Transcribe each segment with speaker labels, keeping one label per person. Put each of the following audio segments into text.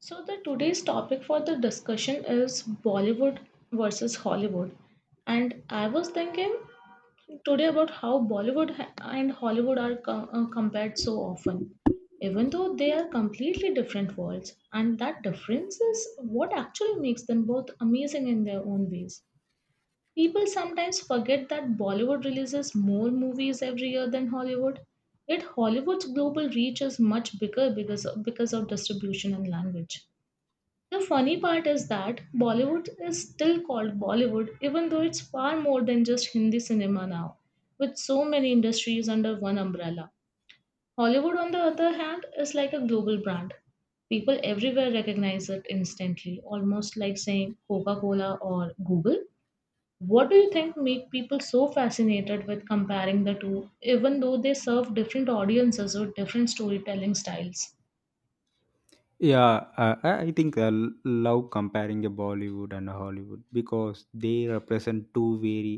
Speaker 1: So the today's topic for the discussion is Bollywood versus Hollywood. And I was thinking today about how Bollywood ha- and Hollywood are compared so often, even though they are completely different worlds. And that difference is what actually makes them both amazing in their own ways. People sometimes forget that Bollywood releases more movies every year than Hollywood, yet Hollywood's global reach is much bigger because of distribution and language. The funny part is that Bollywood is still called Bollywood, even though it's far more than just Hindi cinema now, with so many industries under one umbrella. Hollywood, on the other hand, is like a global brand. People everywhere recognize it instantly, almost like saying Coca Cola or Google. What do you think make people so fascinated with comparing the two, even though they serve different audiences with different storytelling styles?
Speaker 2: Yeah, I think love comparing a Bollywood and a Hollywood because they represent two very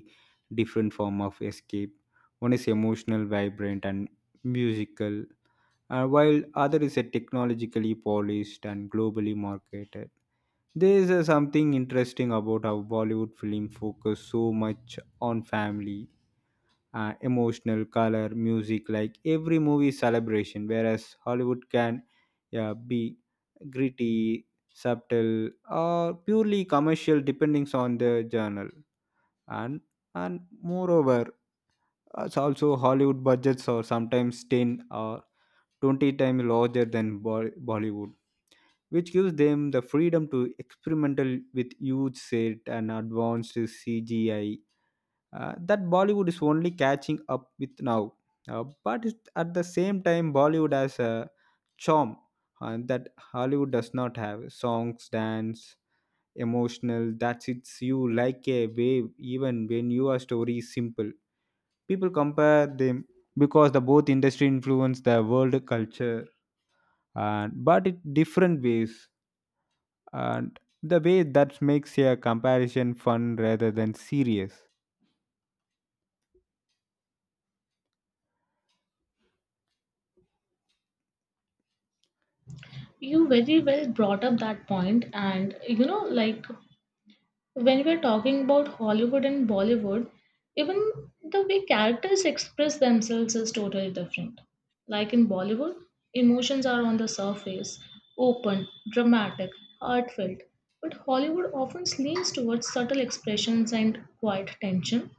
Speaker 2: different form of escape. One is emotional, vibrant, and musical, while other is a technologically polished and globally marketed. There is something interesting about how Bollywood film focus so much on family, emotional color music, like every movie is celebration, whereas Hollywood can, yeah, be gritty, subtle, or purely commercial depending on the journal. And and moreover, as also Hollywood budgets are sometimes 10 or 20 times larger than Bollywood, which gives them the freedom to experimental with huge set and advanced CGI that Bollywood is only catching up with now. But it, at the same time, Bollywood has a charm that Hollywood does not have. Songs, dance, emotional, that hits you like a wave even when your story is simple. People compare them because the both industry influence the world culture, and but in different ways. And the way that makes a comparison fun rather than serious.
Speaker 1: You very well brought up that point, and when we're talking about Hollywood and Bollywood, even the way characters express themselves is totally different. Like in Bollywood, emotions are on the surface, open, dramatic, heartfelt. But Hollywood often leans towards subtle expressions and quiet tension.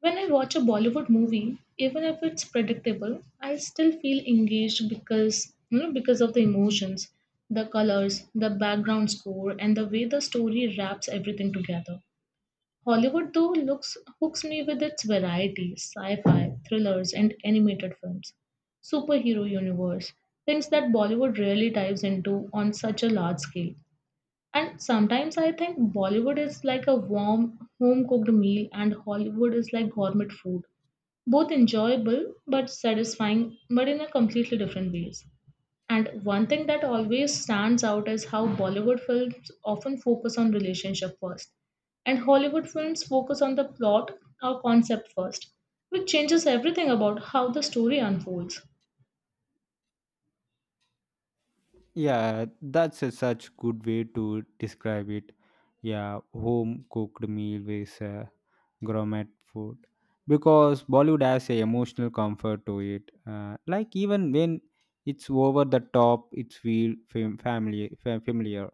Speaker 1: When I watch a Bollywood movie, even if it's predictable, I still feel engaged because because of the emotions, the colors, the background score, and the way the story wraps everything together. Hollywood though looks hooks me with its variety, sci-fi, thrillers, and animated films, superhero universe, things that Bollywood rarely dives into on such a large scale. And sometimes I think Bollywood is like a warm, home cooked meal, and Hollywood is like gourmet food. Both enjoyable but satisfying, but in a completely different ways. And one thing that always stands out is how Bollywood films often focus on relationship first, and Hollywood films focus on the plot or concept first, which changes everything about how the story unfolds.
Speaker 2: Yeah, that's a such good way to describe it. Yeah, home cooked meal with gourmet food, because Bollywood has a emotional comfort to it. Like even when it's over the top, it feel familiar,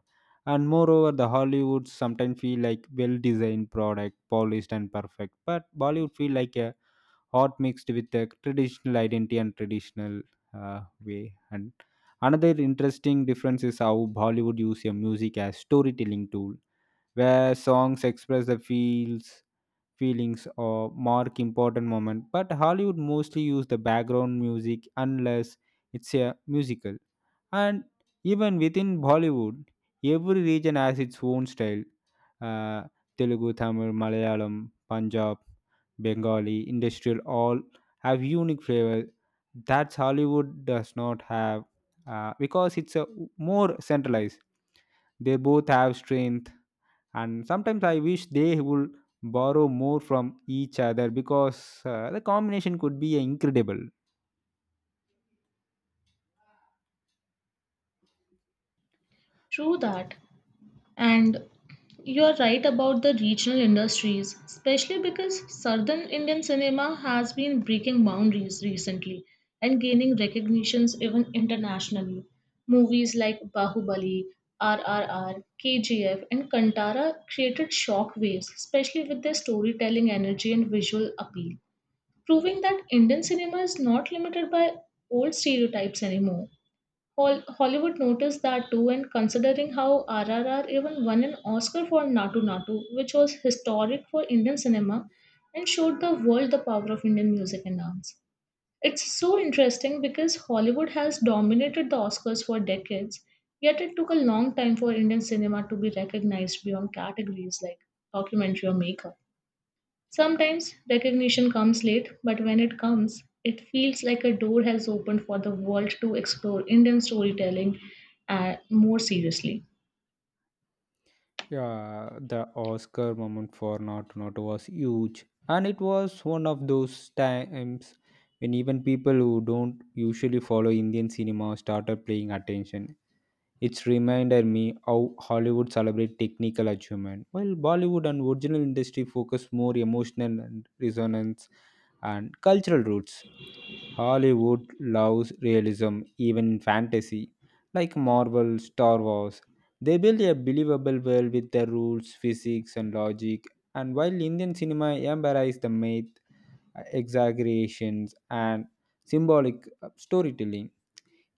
Speaker 2: and moreover, the Hollywoods sometimes feel like well-designed product, polished and perfect. But Bollywood feel like a or mixed with the traditional identity and traditional way. And another interesting difference is how Bollywood use your music as storytelling tool, where songs express the feels feelings or mark important moment, but Hollywood mostly use the background music unless it's a musical. And even within Bollywood, every region has its own style. Uh, Telugu, Tamil, Malayalam, Punjab, Bengali, industrial, all have unique flavor that Hollywood does not have because it's a more centralized. They both have strength, and sometimes I wish they would borrow more from each other because the combination could be incredible.
Speaker 1: True that. And you are right about the regional industries, especially because Southern Indian cinema has been breaking boundaries recently and gaining recognitions even internationally. Movies like Bahubali, RRR, KGF, and Kantara created shock waves, especially with their storytelling energy and visual appeal, proving that Indian cinema is not limited by old stereotypes anymore. Hollywood noticed that too, and considering how RRR even won an Oscar for Natu Natu, which was historic for Indian cinema and showed the world the power of Indian music and dance. It's so interesting because Hollywood has dominated the Oscars for decades, yet it took a long time for Indian cinema to be recognized beyond categories like documentary or maker. Sometimes recognition comes late, but when it comes, it feels like a door has opened for the world to explore Indian storytelling more seriously.
Speaker 2: Yeah, the Oscar moment for Not Not was huge, and it was one of those times when even people who don't usually follow Indian cinema started paying attention. It's reminded me how Hollywood celebrate technical achievement, while Bollywood and original industry focus more emotional and resonance and cultural roots. Hollywood loves realism, even in fantasy, like Marvel, Star Wars. They build a believable world with their rules, physics, and logic. And while Indian cinema embraces the myth, exaggerations, and symbolic, storytelling,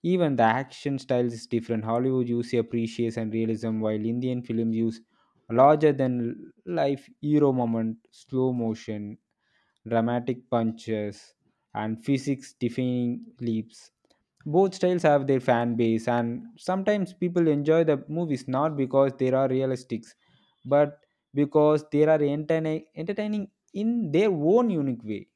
Speaker 2: even the action style is different. Hollywood uses appreciation and realism, while Indian films use larger than life hero moment, slow motion, dramatic punches, and physics defying leaps. Both styles have their fan base, and sometimes people enjoy the movies not because they are realistic, but because they are entertaining in their own unique way.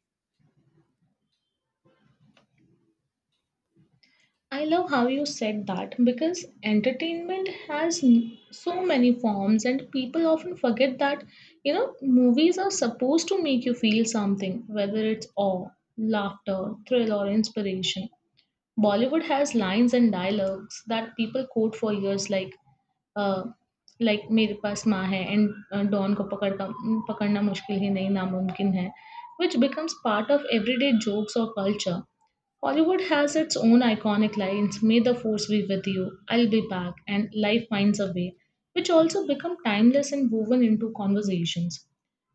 Speaker 1: I love how you said that because entertainment has so many forms, and people often forget that, you know, movies are supposed to make you feel something, whether it's awe, laughter, thrill, or inspiration. Bollywood has lines and dialogues that people quote for years, uh, like मेरे पास माँ है and don को पकड़ना मुश्किल ही नहीं नामुमकिन है, which becomes part of everyday jokes or culture. Hollywood has its own iconic lines, May the Force be with you, I'll be back, and Life finds a way, which also become timeless and woven into conversations.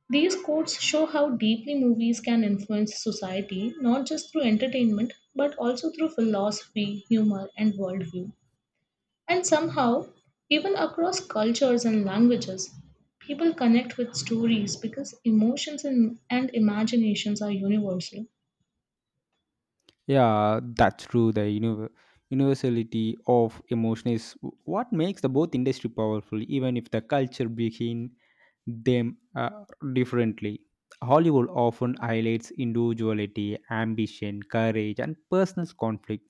Speaker 1: These quotes show how deeply movies can influence society, not just through entertainment, but also through philosophy, humor, and worldview. And somehow, even across cultures and languages, people connect with stories because emotions and imaginations are universal.
Speaker 2: Yeah, that's true. The universality of emotion is what makes the both industry powerful, even if the culture behind them differently. Hollywood often highlights individuality, ambition, courage, and personal conflict.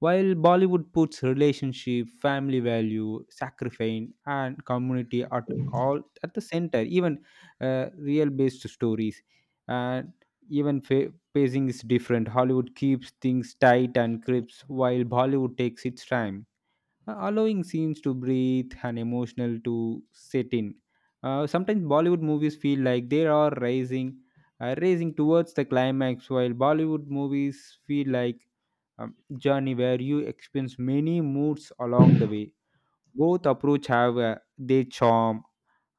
Speaker 2: While Bollywood puts relationship, family value, sacrifice, and community at all at the center, even real-based stories, and even pacing is different. Hollywood keeps things tight and crisp, while Bollywood takes its time, allowing scenes to breathe and emotional to set in. Sometimes Bollywood movies feel like they are rising, racing towards the climax, while Bollywood movies feel like journey where you experience many moods along the way. Both approach have their charm,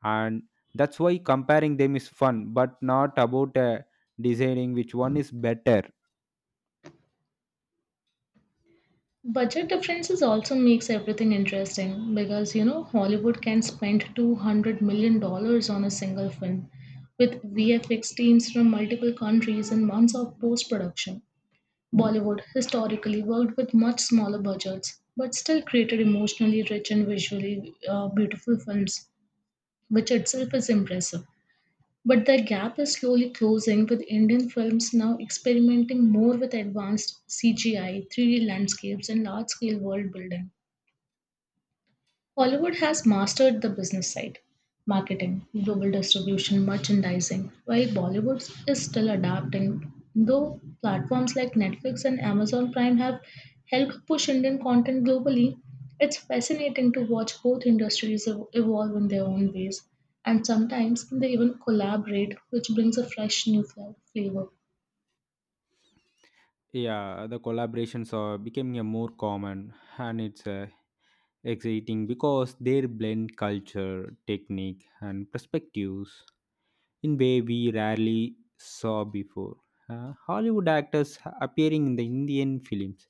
Speaker 2: and that's why comparing them is fun, but not about deciding which one is better.
Speaker 1: Budget differences also makes everything interesting because Hollywood can spend 200 million dollars on a single film with VFX teams from multiple countries and months of post production. Bollywood historically worked with much smaller budgets, but still created emotionally rich and visually beautiful films, which itself is impressive. But the gap is slowly closing with Indian films now experimenting more with advanced CGI, 3D landscapes, and large scale world building. Hollywood has mastered the business side marketing, global distribution, merchandising, while Bollywood is still adapting. Though platforms like Netflix and Amazon Prime have helped push Indian content globally, it's fascinating to watch both industries evolve in their own ways, and sometimes they even collaborate, which brings a fresh new flavor.
Speaker 2: Yeah, the collaborations are becoming a more common, and it's exciting because they blend culture, technique, and perspectives in way we rarely saw before. Hollywood actors appearing in the Indian films,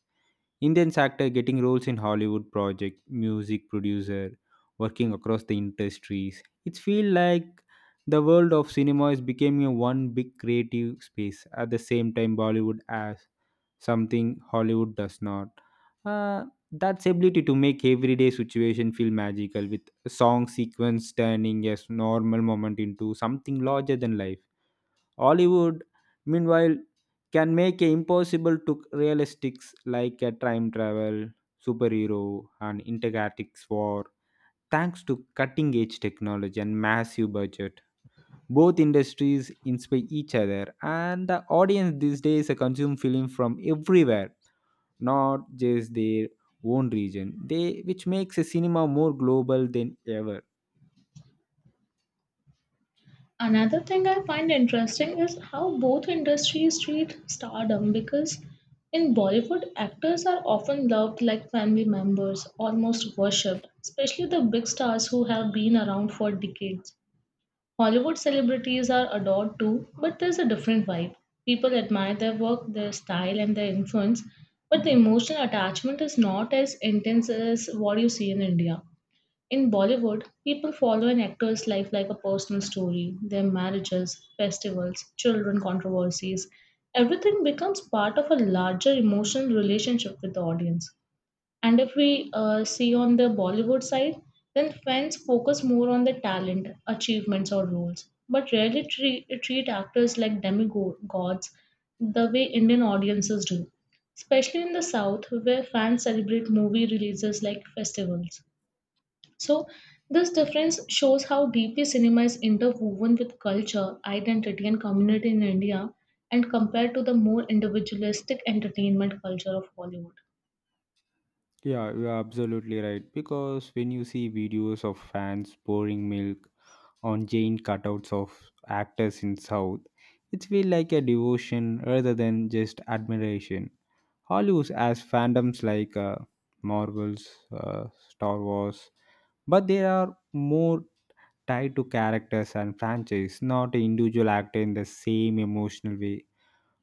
Speaker 2: Indians actor getting roles in Hollywood project, music producer, working across the industries. It feels like the world of cinema is becoming a one big creative space. At the same time, Bollywood has something Hollywood does not. Uh, that's ability to make everyday situation feel magical with a song sequence turning a normal moment into something larger than life. Hollywood, meanwhile, can make a impossible to realistics like a time travel, superhero, and intergalactic war thanks to cutting edge technology and massive budget. Both industries inspire each other, and the audience these days consume film from everywhere, not just their own region. They, which makes a cinema more global than ever.
Speaker 1: Another thing I find interesting is how both industries treat stardom because in Bollywood, actors are often loved like family members, almost worshipped, especially the big stars who have been around for decades. Hollywood celebrities are adored too, but there's a different vibe. People admire their work, their style, and their influence, but the emotional attachment is not as intense as what you see in India. In Bollywood, people follow an actor's life like a personal story. Their marriages, festivals, children, controversies, everything becomes part of a larger emotional relationship with the audience. And if we see on the Bollywood side, then fans focus more on the talent, achievements, or roles, but rarely treat actors like demigods the way Indian audiences do, especially in the South, where fans celebrate movie releases like festivals. So, this difference shows how deeply cinema is interwoven with culture, identity, and community in India, and compared to the more individualistic entertainment culture of Hollywood.
Speaker 2: Yeah, you're absolutely right. Because when you see videos of fans pouring milk on giant cutouts of actors in South, it feels like a devotion rather than just admiration. Hollywood has fandoms like, Marvels, Star Wars, but they are more tied to characters and franchise, not an individual actor in the same emotional way.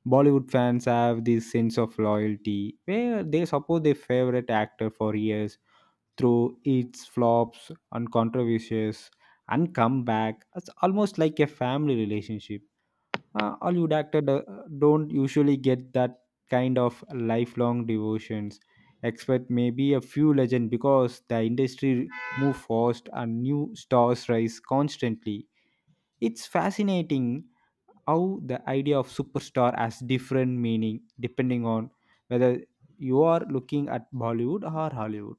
Speaker 2: Bollywood fans have this sense of loyalty where they support their favorite actor for years through its flops and controversies and come back. It's almost like a family relationship. Hollywood actors don't usually get that kind of lifelong devotions, except maybe a few legends because the industry move fast and new stars rise constantly. It's fascinating how the idea of superstar has different meaning depending on whether you are looking at Bollywood or Hollywood.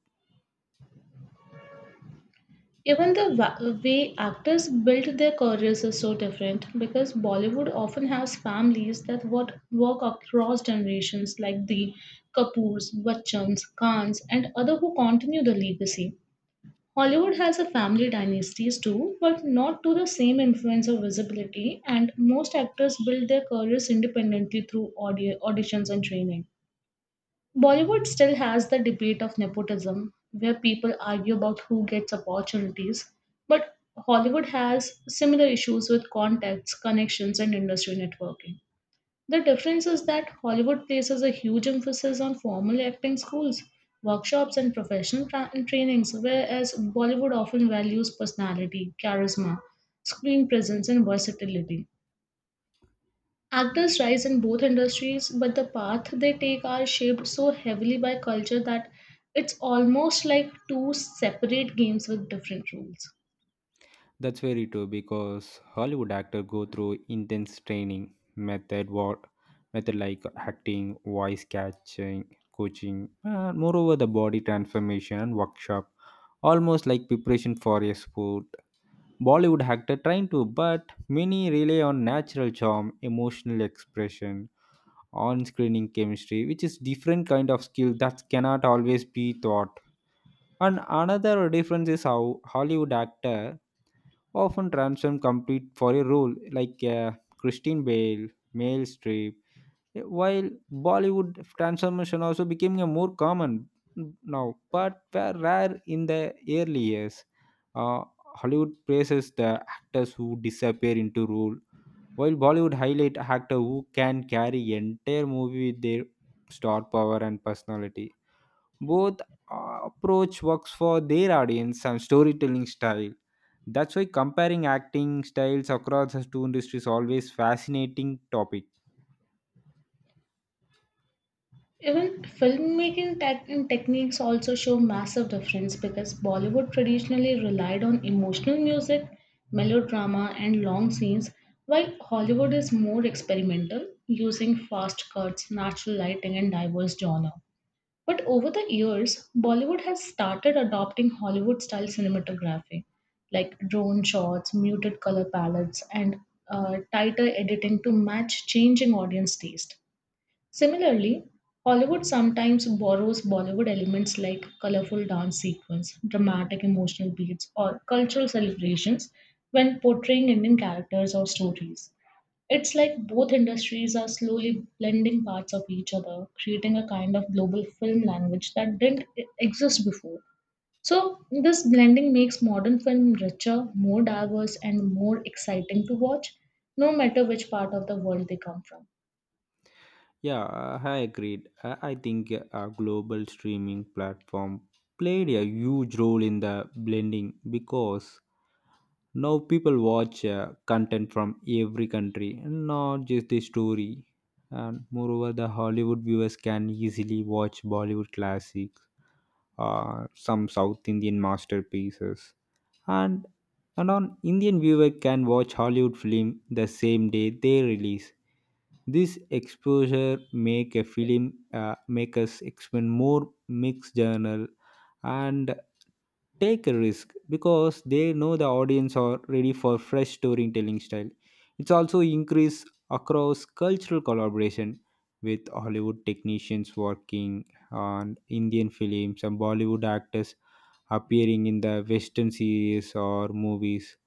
Speaker 1: Even the way actors build their careers is so different because Bollywood often has families that what work across generations, like the Kapoors, Bachchans, Khans, and other who continue the legacy. Hollywood has a family dynasties too, but not to the same influence or visibility, and most actors build their careers independently through auditions and training. Bollywood still has the debate of nepotism, where people argue about who gets opportunities, but Hollywood has similar issues with contacts, connections, and industry networking. The difference is that Hollywood places a huge emphasis on formal acting schools, workshops, and professional trainings, whereas Bollywood often values personality, charisma, screen presence, and versatility. Actors rise in both industries, but the path they take are shaped so heavily by culture that it's almost like two separate games with different rules.
Speaker 2: That's very true because Hollywood actors go through intense training method, what method like acting, voice catching, coaching, and moreover the body transformation workshop, almost like preparation for a sport. Bollywood actor trying to, but many rely on natural charm, emotional expression, on-screening chemistry, which is different kind of skill that cannot always be taught. And another difference is how Hollywood actor often transformed complete for a role like, Christine Bale, Meryl Streep. While Bollywood transformation also became a more common now, but were rare in the early years. Uh, Hollywood praises the actors who disappear into role, while Bollywood highlight actor who can carry entire movie with their star power and personality. Both approach works for their audience and storytelling style. That's why comparing acting styles across the two industries always fascinating topic.
Speaker 1: Even filmmaking tech techniques also show massive difference because Bollywood traditionally relied on emotional music, melodrama, and long scenes, while Hollywood is more experimental, using fast cuts, natural lighting, and diverse genre. But over the years, Bollywood has started adopting Hollywood style cinematography, like drone shots, muted color palettes, and tighter editing to match changing audience taste. Similarly, Hollywood sometimes borrows Bollywood elements like colorful dance sequence, dramatic emotional beats, or cultural celebrations when portraying Indian characters or stories. It's like both industries are slowly blending parts of each other, creating a kind of global film language that didn't exist before. So, this blending makes modern film richer, more diverse, and more exciting to watch, no matter which part of the world they come from.
Speaker 2: Yeah, I agreed. I think global streaming platform played a huge role in the blending, because now people watch content from every country, not just the story. And moreover, the Hollywood viewers can easily watch Bollywood classic, some South Indian masterpieces, and and on Indian viewer can watch Hollywood film the same day they release. This exposure make a film, make us explain more mixed journal and take a risk because they know the audience are ready for fresh storytelling style. It's also increase across cultural collaboration with Hollywood technicians working on Indian films and Bollywood actors appearing in the Western series or movies.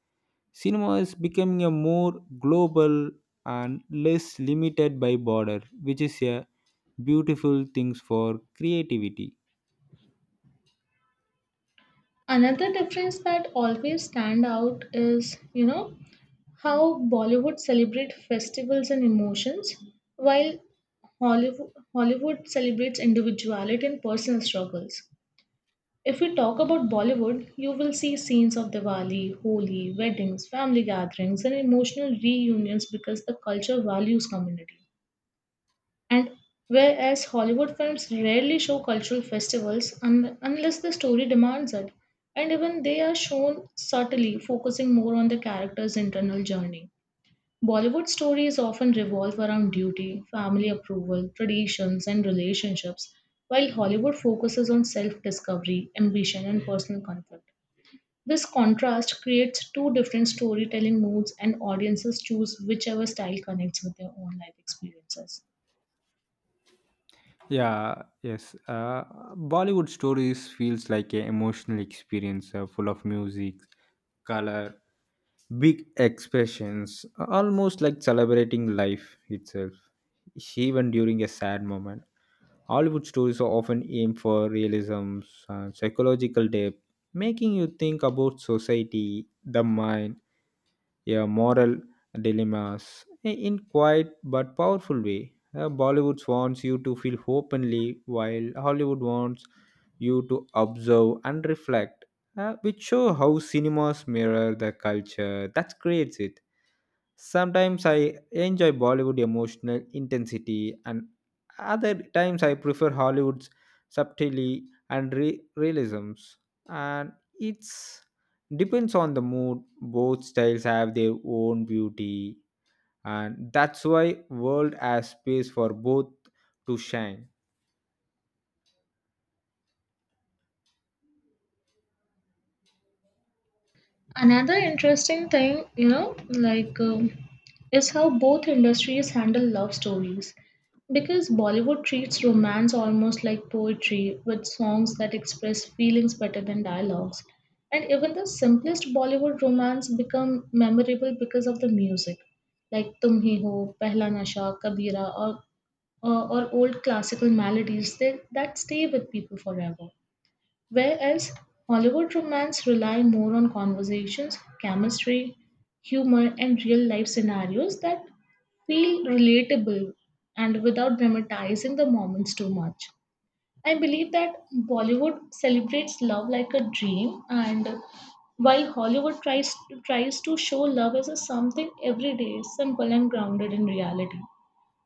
Speaker 2: Cinema is becoming a more global and less limited by border, which is a beautiful things for creativity.
Speaker 1: Another difference that always stand out is, you know, how Bollywood celebrate festivals and emotions, while Hollywood celebrates individuality and personal struggles. If we talk about Bollywood, you will see scenes of Diwali, Holi, weddings, family gatherings, and emotional reunions because the culture values community. And whereas Hollywood films rarely show cultural festivals unless the story demands it, and even they are shown subtly, focusing more on the character's internal journey. Bollywood stories often revolve around duty, family approval, traditions, and relationships, while Hollywood focuses on self discovery, ambition, and personal conflict. This contrast creates two different storytelling moods, and audiences choose whichever style connects with their own life experiences.
Speaker 2: Yeah, yes. Bollywood stories feels like an emotional experience, full of music, color, big expressions, almost like celebrating life itself, even during a sad moment. Hollywood stories often aim for realism and psychological depth, making you think about society, the mind, your moral dilemmas in quiet but powerful way. Bollywood wants you to feel openly, while Hollywood wants you to observe and reflect, which show how cinemas mirror the culture that creates it. Sometimes I enjoy Bollywood emotional intensity, and other times I prefer Hollywood's subtlety and realisms. And it's depends on the mood. Both styles have their own beauty, and that's why world has space for both to shine.
Speaker 1: Another interesting thing, is how both industries handle love stories. Because Bollywood treats romance almost like poetry, with songs that express feelings better than dialogues. And even the simplest Bollywood romance become memorable because of the music, like "Tum Hi Ho," "Pehla Nasha," "Kabira," or old classical melodies They that stay with people forever. Whereas Hollywood romance rely more on conversations, chemistry, humor, and real life scenarios that feel relatable and without dramatizing the moments too much. I believe that Bollywood celebrates love like a dream, and while Hollywood tries to show love as a something everyday, simple and grounded in reality.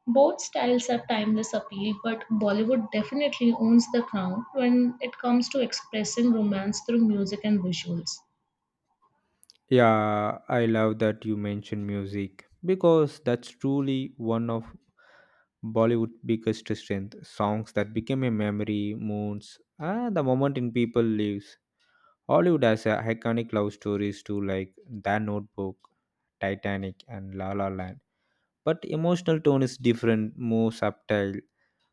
Speaker 1: Both styles have timeless appeal, but Bollywood definitely owns the crown when it comes to expressing romance through music and visuals.
Speaker 2: Yeah, I love that you mentioned music because that's truly one of Bollywood biggest strength, songs that became a memory, moons, and the moment in people lives. Hollywood has iconic love stories too, like The Notebook, Titanic, and La La Land. But emotional tone is different, more subtle,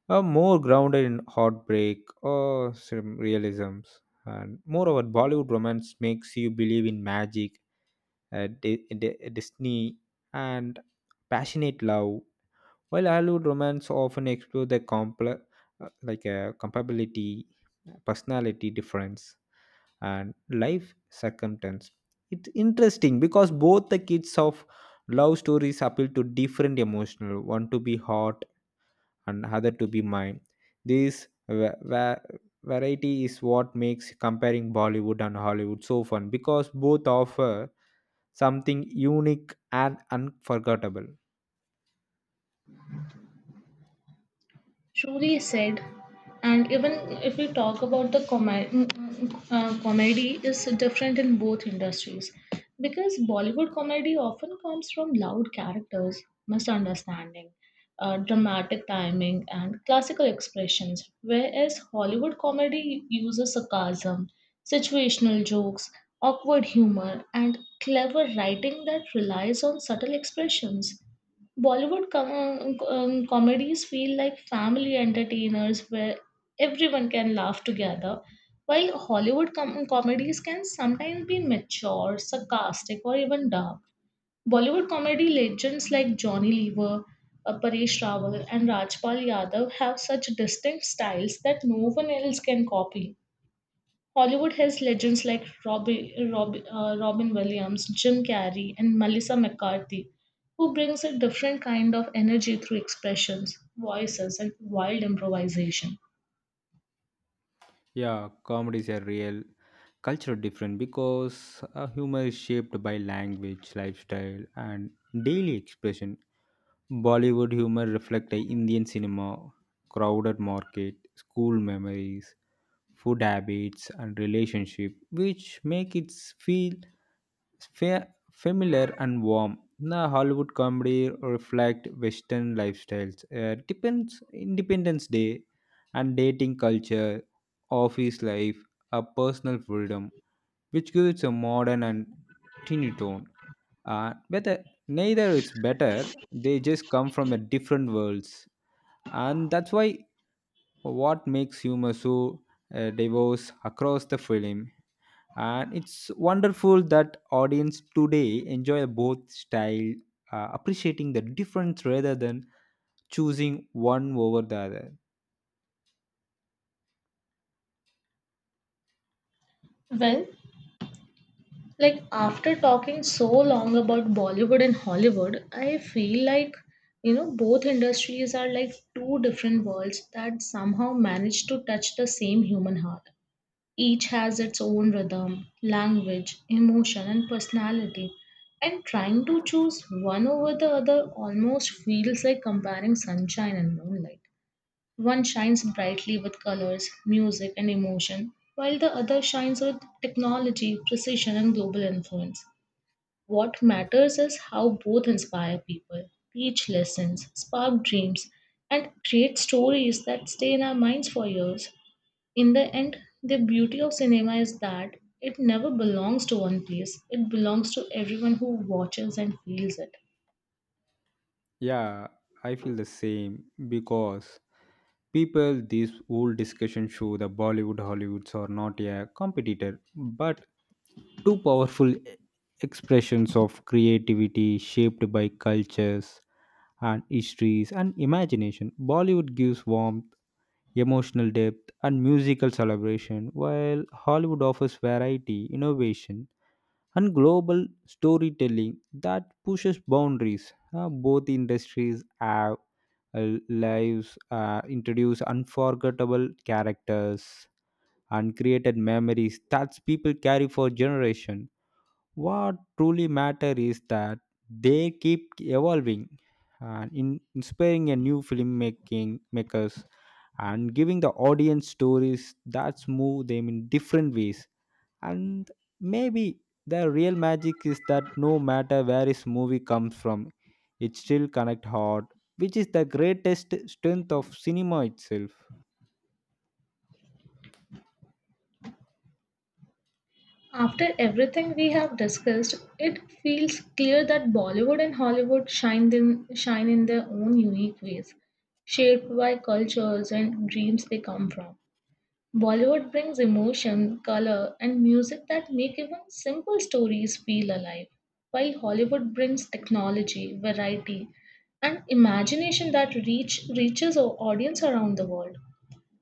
Speaker 2: more grounded in heartbreak or some realisms. And moreover, Bollywood romance makes you believe in magic, destiny, and passionate love, while Hollywood romance often explore the complex, like, compatibility, personality difference, and life circumstance. It's interesting because both the kids of love stories appeal to different emotional, one to be hot and other to be mine. This variety is what makes comparing Bollywood and Hollywood so fun because both offer something unique and unforgettable.
Speaker 1: Truly said. And even if we talk about the comedy is different in both industries because Bollywood comedy often comes from loud characters, misunderstanding, dramatic timing, and classical expressions, whereas Hollywood comedy uses sarcasm, situational jokes, awkward humor, and clever writing that relies on subtle expressions. Bollywood comedies feel like family entertainers where everyone can laugh together, while Hollywood comedies can sometimes be mature, sarcastic, or even dark. Bollywood comedy legends like Johnny Lever, Paresh Rawal, and Rajpal Yadav have such distinct styles that no one else can copy. Hollywood has legends like Robin Williams, Jim Carrey, and Melissa McCarthy, who brings a different kind of energy through expressions, voices, and wild improvisation.
Speaker 2: Yeah, comedies are real cultural different because humor is shaped by language, lifestyle, and daily expression. Bollywood humor reflect the Indian cinema, crowded market, school memories, food habits, and relationship, which make it feel familiar and warm. The Hollywood comedy reflect Western lifestyles. Depends Independence Day and dating culture, office life, a personal freedom, which gives a modern and teeny tone. Whether neither is better, they just come from a different worlds, and that's why what makes humor so diverse across the film. And it's wonderful that audience today enjoy both style, appreciating the difference rather than choosing one over the other.
Speaker 1: Well, like after talking so long about Bollywood and Hollywood, I feel like both industries are like two different worlds that somehow manage to touch the same human heart. Each has its own rhythm, language, emotion, and personality. And trying to choose one over the other almost feels like comparing sunshine and moonlight. One shines brightly with colors, music, and emotion, while the other shines with technology, precision, and global influence. What matters is how both inspire people, teach lessons, spark dreams, and create stories that stay in our minds for years. In the end, the beauty of cinema is that it never belongs to one place, it belongs to everyone who watches and feels it.
Speaker 2: Yeah, I feel the same, because people this whole discussion show the Bollywood Hollywoods are not a competitor but two powerful expressions of creativity shaped by cultures and histories and imagination. Bollywood gives warmth, emotional depth, and musical celebration, while Hollywood offers variety, innovation, and global storytelling that pushes boundaries. Both industries have, lives, introduce unforgettable characters and created memories that people carry for generations. What truly matters is that they keep evolving and in inspiring a new filmmaking makers and giving the audience stories that move them in different ways. And maybe the real magic is that no matter where his movie comes from, it still connect heart, which is the greatest strength of cinema itself.
Speaker 1: After everything we have discussed, it feels clear that Bollywood and Hollywood shine in their own unique ways, shaped by cultures and dreams they come from. Bollywood brings emotion, color, and music that make even simple stories feel alive, while Hollywood brings technology, variety, and imagination that reaches our audience around the world.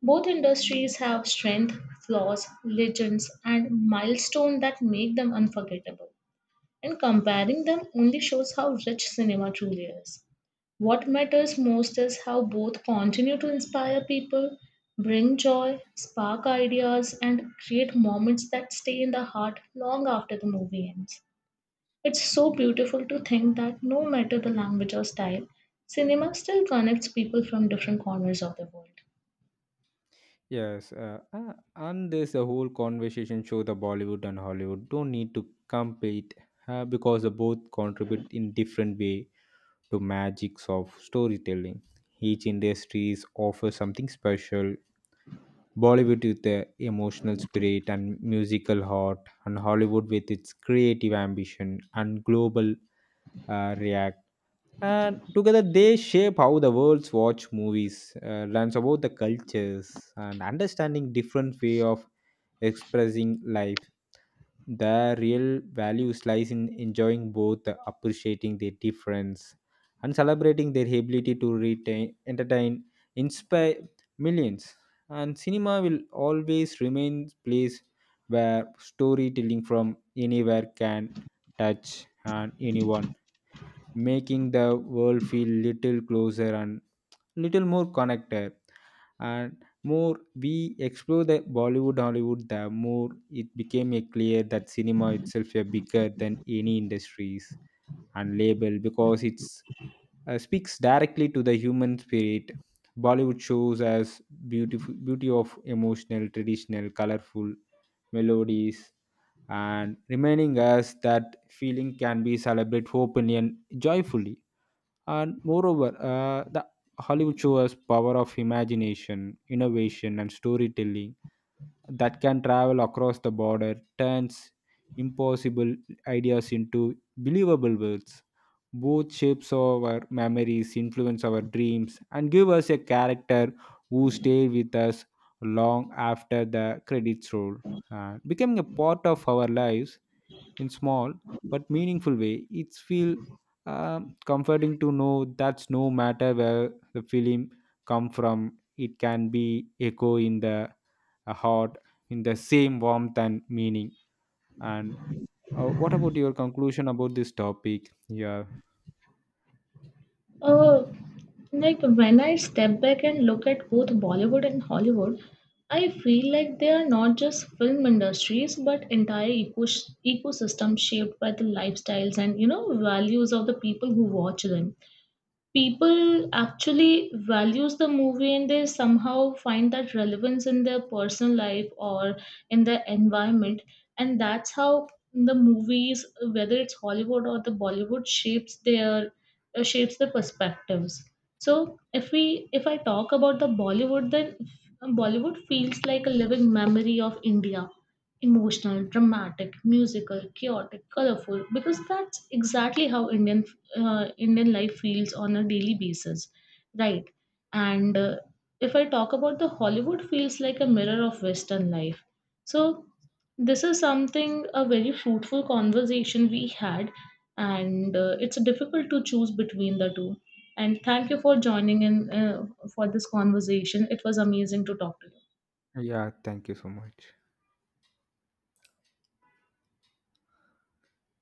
Speaker 1: Both industries have strength, flaws, legends, and milestones that make them unforgettable. And comparing them only shows how rich cinema truly is. What matters most is how both continue to inspire people, bring joy, spark ideas, and create moments that stay in the heart long after the movie ends. It's so beautiful to think that no matter the language or style, cinema still connects people from different corners of the world.
Speaker 2: Yes, and there's a whole conversation show the Bollywood and Hollywood don't need to compete because they both contribute in different way to magics of storytelling. Each industry offers something special, Bollywood with the emotional spirit and musical heart, and Hollywood with its creative ambition and global, react, and together they shape how the world's watch movies, learns about the cultures and understanding different way of expressing life. The real values lies in enjoying both, appreciating their difference and celebrating their ability to retain entertain, inspire millions. And cinema will always remain place where storytelling from anywhere can touch and anyone, making the world feel little closer and little more connected. And more we explore the Bollywood Hollywood, the more it became a clear that cinema itself is bigger than any industries and label, because it speaks directly to the human spirit. Bollywood shows as beautiful beauty of emotional traditional colorful melodies and reminding us that feeling can be celebrated openly and joyfully. And moreover, the Hollywood shows power of imagination, innovation, and storytelling that can travel across the border, turns impossible ideas into believable worlds. Both shapes our memories, influence our dreams, and give us a character who stay with us long after the credits roll, becoming a part of our lives in small but meaningful way. It's feel comforting to know that's no matter where the film come from, it can be echo in the, heart in the same warmth and meaning. And what about your conclusion about this topic? Yeah,
Speaker 1: Uh, Like when I step back and look at both Bollywood and Hollywood, I feel like they are not just film industries but entire ecosystem shaped by the lifestyles and values of the people who watch them, people actually values the movie and they somehow find that relevance in their personal life or in their environment. And that's how the movies, whether it's Hollywood or the Bollywood, shapes their shapes the perspectives. So if I talk about the Bollywood, then Bollywood feels like a living memory of India, emotional, dramatic, musical, chaotic, colorful, because that's exactly how Indian life feels on a daily basis, right? And if I talk about the Hollywood feels like a mirror of Western life. So this is something a very fruitful conversation we had, and it's difficult to choose between the two. And thank you for joining in for this conversation. It was amazing to talk to you.
Speaker 2: yeah. Thank you so much.